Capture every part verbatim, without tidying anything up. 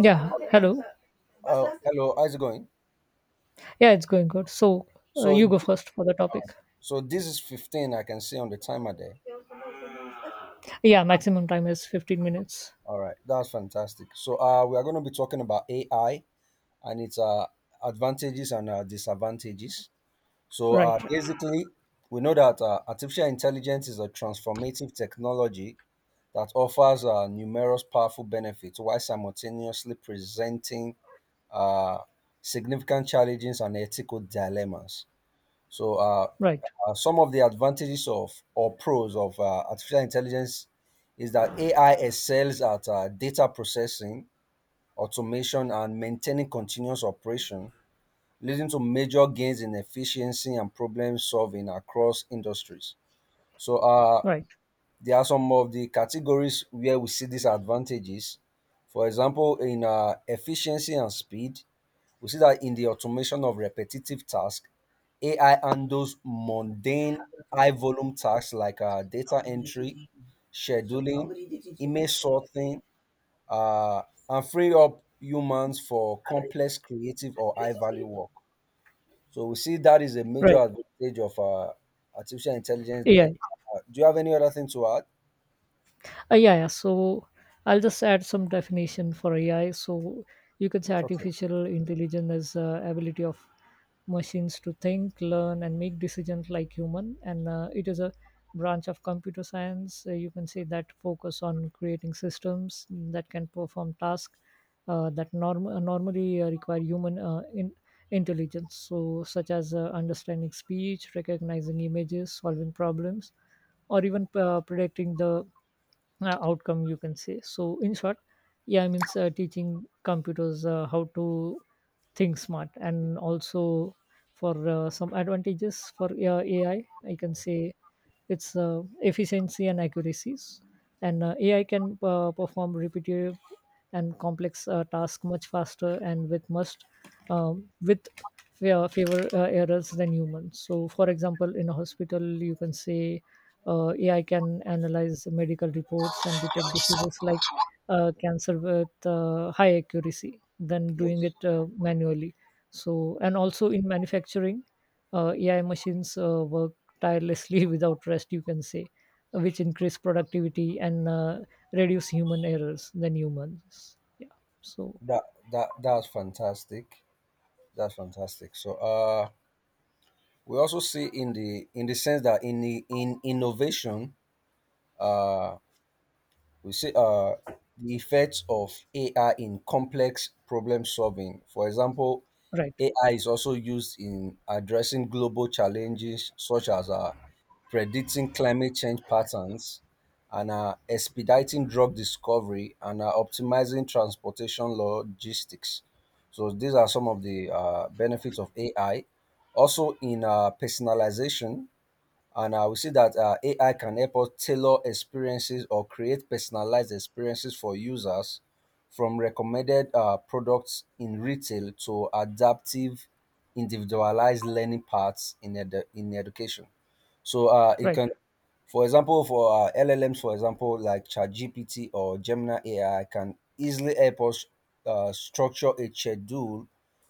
Yeah, hello. Oh, hello. How's it going? Yeah, it's going good. So uh, So, you th- go first for the topic. so this is fifteen I can see on the timer there. Yeah, maximum time is fifteen minutes. All right, that's fantastic. So, uh, we are going to be talking about A I and its uh, advantages and uh, disadvantages. So, uh, Right, right, basically, we know that uh, artificial intelligence is a transformative technology that offers uh, numerous powerful benefits while simultaneously presenting uh, significant challenges and ethical dilemmas. So, uh, right, uh, some of the advantages of or pros of uh, artificial intelligence is that A I excels at uh, data processing, automation, and maintaining continuous operation, leading to major gains in efficiency and problem solving across industries. So, uh, right, there are some of the categories where we see these advantages. For example, in uh, efficiency and speed, we see that in the automation of repetitive tasks, A I handles mundane, high volume tasks like uh, data entry, scheduling, image sorting, uh, and free up humans for complex, creative, or high value work. So we see that is a major right. advantage of uh, artificial intelligence Yeah, there. Uh, do you have any other thing to add? Uh, yeah, yeah. So I'll just add some definition for A I. So you can say Okay, artificial intelligence is uh, ability of machines to think, learn, and make decisions like human. And uh, it is a branch of computer science. Uh, you can say that focus on creating systems that can perform tasks uh, that norm- uh, normally uh, require human uh, in- intelligence. So such as uh, understanding speech, recognizing images, solving problems, or even uh, predicting the uh, outcome you can say. So in short, yeah i mean uh, teaching computers uh, how to think smart. And also for uh, some advantages for uh, AI, I can say it's uh, efficiency and accuracies. And uh, AI can uh, perform repetitive and complex uh, tasks much faster and with must um, with fa- favor uh, errors than humans. So, for example, in a hospital, you can say uh, A I can analyze medical reports and detect diseases like uh, cancer with uh, high accuracy than doing yes. it uh, manually. So, and also in manufacturing, uh, A I machines uh, work tirelessly without rest, you can say, which increase productivity and uh, reduce human errors than humans. Yeah. So That that that's fantastic. That's fantastic. So uh we also see in the in the sense that in the in innovation uh we see uh the effects of AI in complex problem solving. For example, right, AI is also used in addressing global challenges such as uh, predicting climate change patterns and uh, expediting drug discovery and uh, optimizing transportation logistics. So these are some of the uh, benefits of AI, also in uh, personalization. And I would say that uh, A I can help us tailor experiences or create personalized experiences for users, from recommended uh, products in retail to adaptive, individualized learning paths in, edu- in education. So uh, it right. can, for example, for uh, L L Ms, for example, like ChatGPT or Gemini A I, can easily help us uh, structure a schedule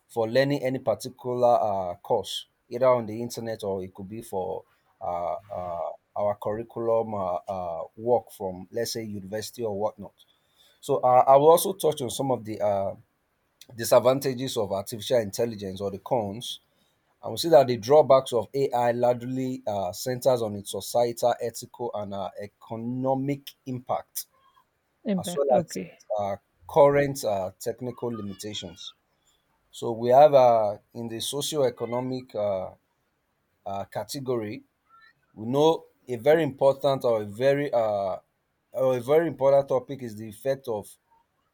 for learning any particular uh, course, either on the internet or it could be for uh, uh, our curriculum uh, uh, work from, let's say, university or whatnot. So uh, I will also touch on some of the uh, disadvantages of artificial intelligence or the cons. And we see that the drawbacks of A I largely uh, centers on its societal, ethical, and uh, economic impact, as Impact. well as Okay. uh, current uh, technical limitations. So we have uh, in the socio-economic uh, uh, category, we know a very important or a very uh, or a very important topic is the effect of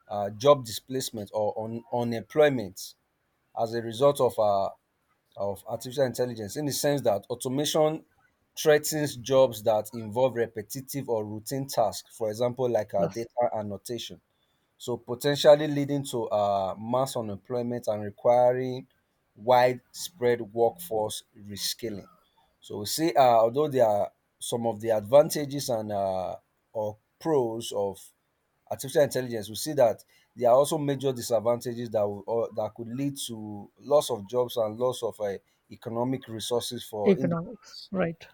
uh, job displacement or un- unemployment as a result of uh, of artificial intelligence, in the sense that automation threatens jobs that involve repetitive or routine tasks, for example, like uh, That's data annotation, so potentially leading to uh, mass unemployment and requiring widespread workforce reskilling. So we see, uh, although there are some of the advantages and uh, or pros of artificial intelligence, we see that there are also major disadvantages that will, or that could lead to loss of jobs and loss of uh, economic resources for individuals. economics. Right.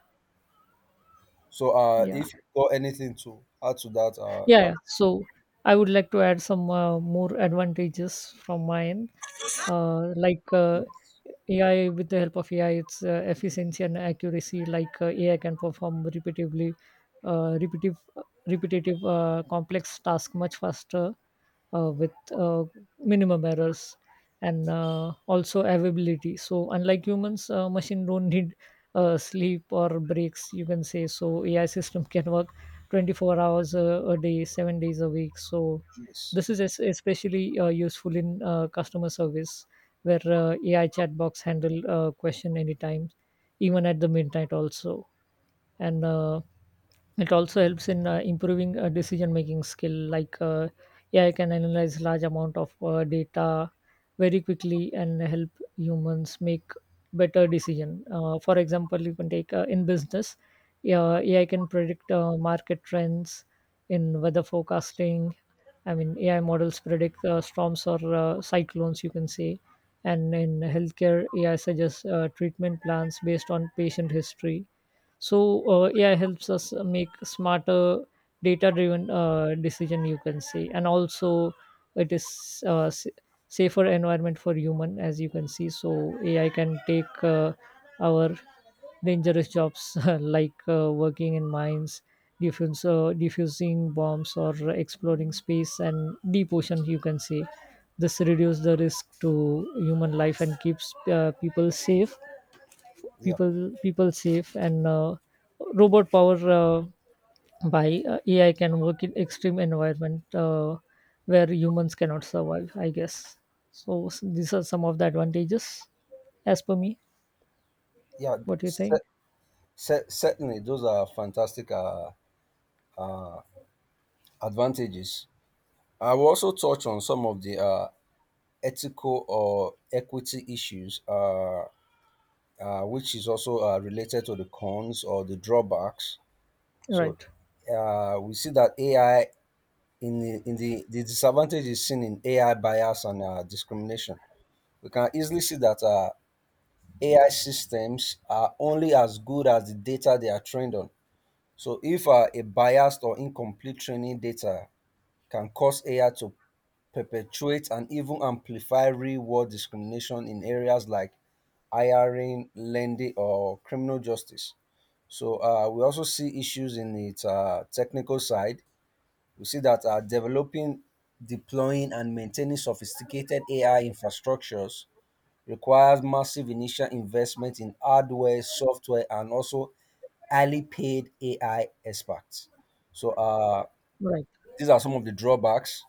So, uh, Yeah. if you got anything to add to that, uh, Yeah. that Yeah. So I would like to add some uh, more advantages from my end, uh, like. Uh, A I With the help of A I, its uh, efficiency and accuracy. Like uh, A I can perform repetitively, uh, repetitive, repetitive, uh, complex task much faster uh, with uh, minimum errors. And uh, also availability, so unlike humans, uh, machine don't need uh, sleep or breaks, you can say. So AI system can work twenty-four hours a, a day, seven days a week. So Yes, this is es- especially uh, useful in uh, customer service, where uh, AI chatbots handle uh, question anytime, even at the midnight also. And uh, it also helps in uh, improving uh, decision making skill. Like uh, A I can analyze large amount of uh, data very quickly and help humans make better decision. Uh, for example, you can take uh, in business, uh, A I can predict uh, market trends. In weather forecasting, I mean, A I models predict uh, storms or uh, cyclones, you can say, and in healthcare, A I suggests uh, treatment plans based on patient history. So uh, AI helps us uh, make smarter, data driven uh, decision, you can say. And also it is uh, s- safer environment for human, as you can see. So AI can take uh, our dangerous jobs like uh, working in mines, diffuse, uh, diffusing bombs, or exploring space and deep ocean, you can say. This reduces the risk to human life and keeps uh, people safe, yeah, people people safe. And uh, robot power uh, by uh, AI can work in extreme environment uh, where humans cannot survive, I guess. So s- these are some of the advantages as per me. yeah. What do you S- think? Cer- Certainly, those are fantastic uh, uh, advantages. I will also touch on some of the uh, ethical or equity issues, uh, uh, which is also uh, related to the cons or the drawbacks. So Right, uh, we see that A I in the, in the the disadvantage is seen in A I bias and uh, discrimination. We can easily see that uh, A I systems are only as good as the data they are trained on. So if uh, a biased or incomplete training data can cause A I to perpetuate and even amplify real world discrimination in areas like hiring, lending, or criminal justice. So uh, we also see issues in its uh, technical side. We see that uh, developing, deploying, and maintaining sophisticated A I infrastructures requires massive initial investment in hardware, software, and also highly paid A I experts. So uh, right. these are some of the drawbacks.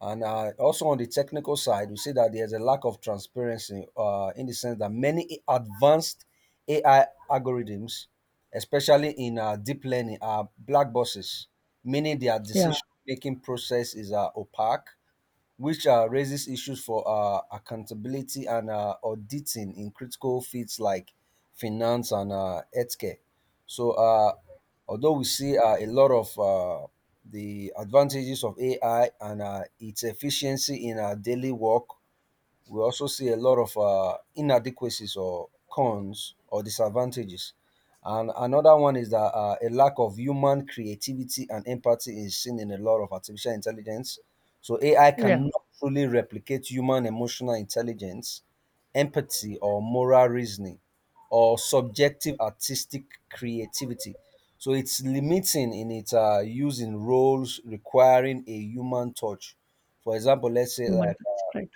And uh, also on the technical side, we see that there's a lack of transparency uh, in the sense that many advanced A I algorithms, especially in uh, deep learning, are black boxes, meaning their Yeah, decision making process is uh, opaque, which uh, raises issues for uh, accountability and uh, auditing in critical fields like finance and uh, healthcare. So uh, although we see uh, a lot of uh, the advantages of A I and uh, its efficiency in our daily work, we also see a lot of uh, inadequacies or cons or disadvantages. And another one is that uh, a lack of human creativity and empathy is seen in a lot of artificial intelligence. So A I yeah. cannot truly replicate human emotional intelligence, empathy, or moral reasoning, or subjective artistic creativity. So it's limiting in its uh, use in roles requiring a human touch. For example, let's say Human like touch, right.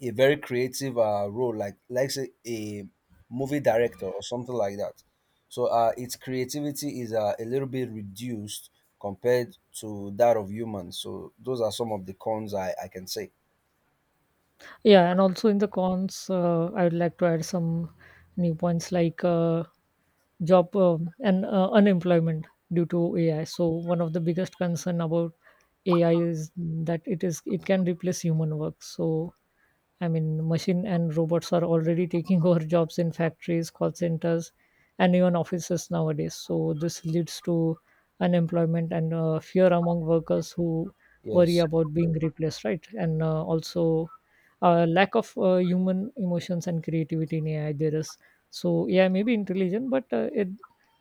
a very creative uh, role, like like say a movie director or something like that. So uh, its creativity is uh, a little bit reduced compared to that of humans. So those are some of the cons I, I can say. Yeah, and also in the cons, uh, I would like to add some new points, like uh, job um and uh, unemployment due to A I. So one of the biggest concern about A I is that it is it can replace human work. So I mean, machine and robots are already taking over jobs in factories, call centers, and even offices nowadays. So this leads to unemployment and uh, fear among workers who worry Yes, about being replaced, right? And uh, also uh, lack of uh, human emotions and creativity in A I. There is so A I may be intelligent, but uh, it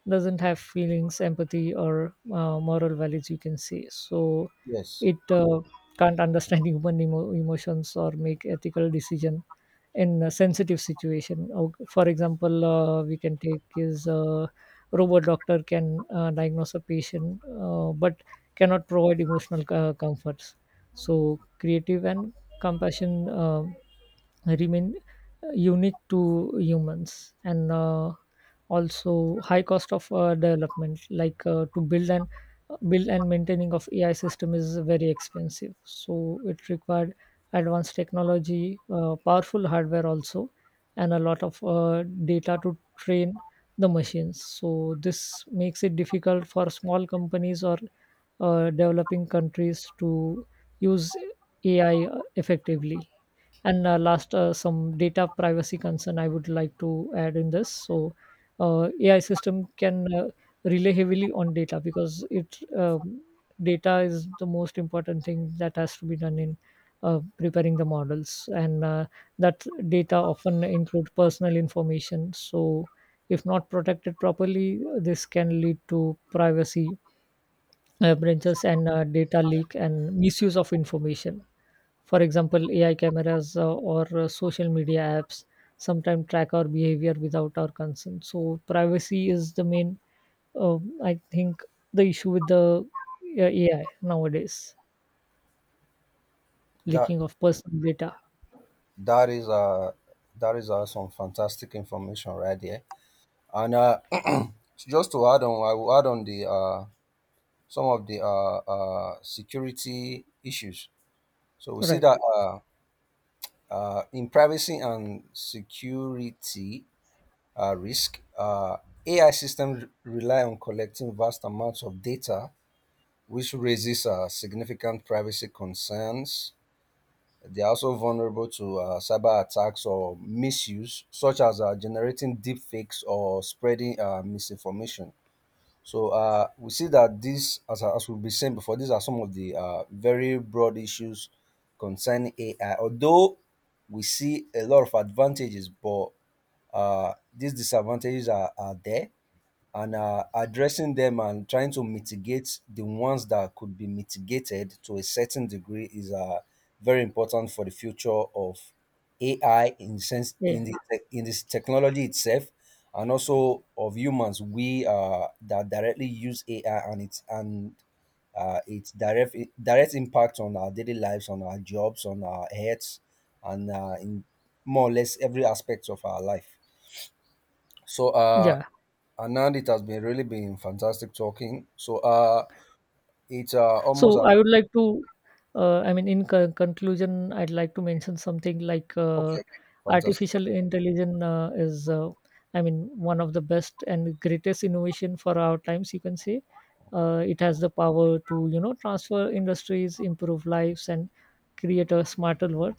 doesn't have feelings, empathy, or uh, moral values, you can say. So yes, it uh, can't understand human emo- emotions or make ethical decision in a sensitive situation. Oh, for example, uh, we can take is uh, robot doctor can uh, diagnose a patient, uh, but cannot provide emotional uh, comforts. So creative and compassion uh, remain unique to humans. And uh, also high cost of uh, development, like uh, to build and build and maintaining of AI system is very expensive. So it required advanced technology, uh, powerful hardware also, and a lot of uh, data to train the machines. So this makes it difficult for small companies or uh, developing countries to use AI effectively. And uh, last, uh, some data privacy concern I would like to add in this. So, uh, A I system can uh, rely heavily on data, because it um, data is the most important thing that has to be done in uh, preparing the models, and uh, that data often include personal information. So, if not protected properly, this can lead to privacy uh, breaches and uh, data leak and misuse of information. For example, A I cameras uh, or uh, social media apps sometimes track our behavior without our consent. So privacy is the main, uh, I think, the issue with the uh, A I nowadays, that leaking of personal data. that is uh that is uh, some fantastic information right there. And uh, just to add on, I will add on the uh some of the uh, uh security issues. So we see Right. that uh, Uh, in privacy and security uh, risk, uh, A I systems rely on collecting vast amounts of data, which raises uh, significant privacy concerns. They are also vulnerable to uh, cyber attacks or misuse, such as uh, generating deep fakes or spreading uh, misinformation. So uh, we see that these, as, as we've been saying before, these are some of the uh, very broad issues concerning A I. Although we see a lot of advantages, but uh, these disadvantages are, are there, and uh, addressing them and trying to mitigate the ones that could be mitigated to a certain degree is uh, very important for the future of A I in sense Yeah. in the tech- in this technology itself, and also of humans. We uh, that directly use A I and its and uh, its direct direct impact on our daily lives, on our jobs, on our health, and uh, in more or less every aspect of our life. So, uh, Yeah. Anand, it has been really been fantastic talking. So, uh, it's uh, almost So an I would like to, uh, I mean, in con- conclusion, I'd like to mention something like okay, uh, okay, fantastic, artificial intelligence uh, is, uh, I mean, one of the best and greatest innovation for our times, you can say. Uh, it has the power to, you know, transfer industries, improve lives, and create a smarter world.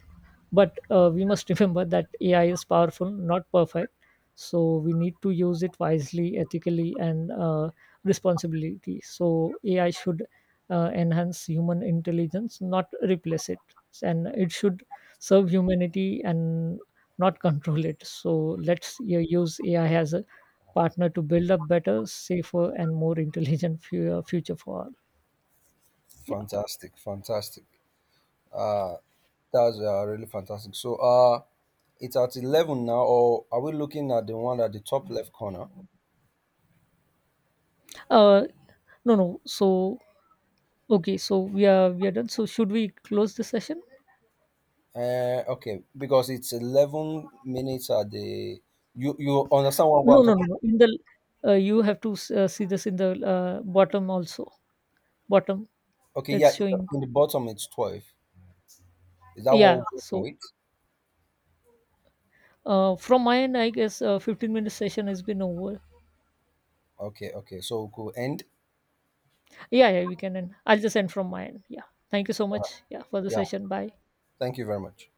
But uh, we must remember that AI is powerful, not perfect. So we need to use it wisely, ethically, and uh, responsibility. So AI should uh, enhance human intelligence, not replace it, and it should serve humanity and not control it. So let's uh, use AI as a partner to build a better, safer, and more intelligent fu- uh, future for all. Yeah. fantastic, fantastic. Uh, that's uh, really fantastic. So, uh, it's at eleven now, or are we looking at the one at the top left corner? Uh, no no So okay, so we are we are done so should we close the session? Uh, okay, because it's eleven minutes at the you you understand what No, I'm no, talking. no, no. In the uh, you have to s- uh, see this in the uh, bottom also. Bottom, Okay, it's yeah, showing. in the bottom it's twelve. Is that what we're Yeah. working So with? uh, from my end, I guess uh, fifteen minute session has been over. Okay, okay, so we could end. Yeah, yeah. We can end. I'll just end from my end. Yeah. Thank you so Uh, much. Yeah, for the yeah, session. Bye. thank you very much.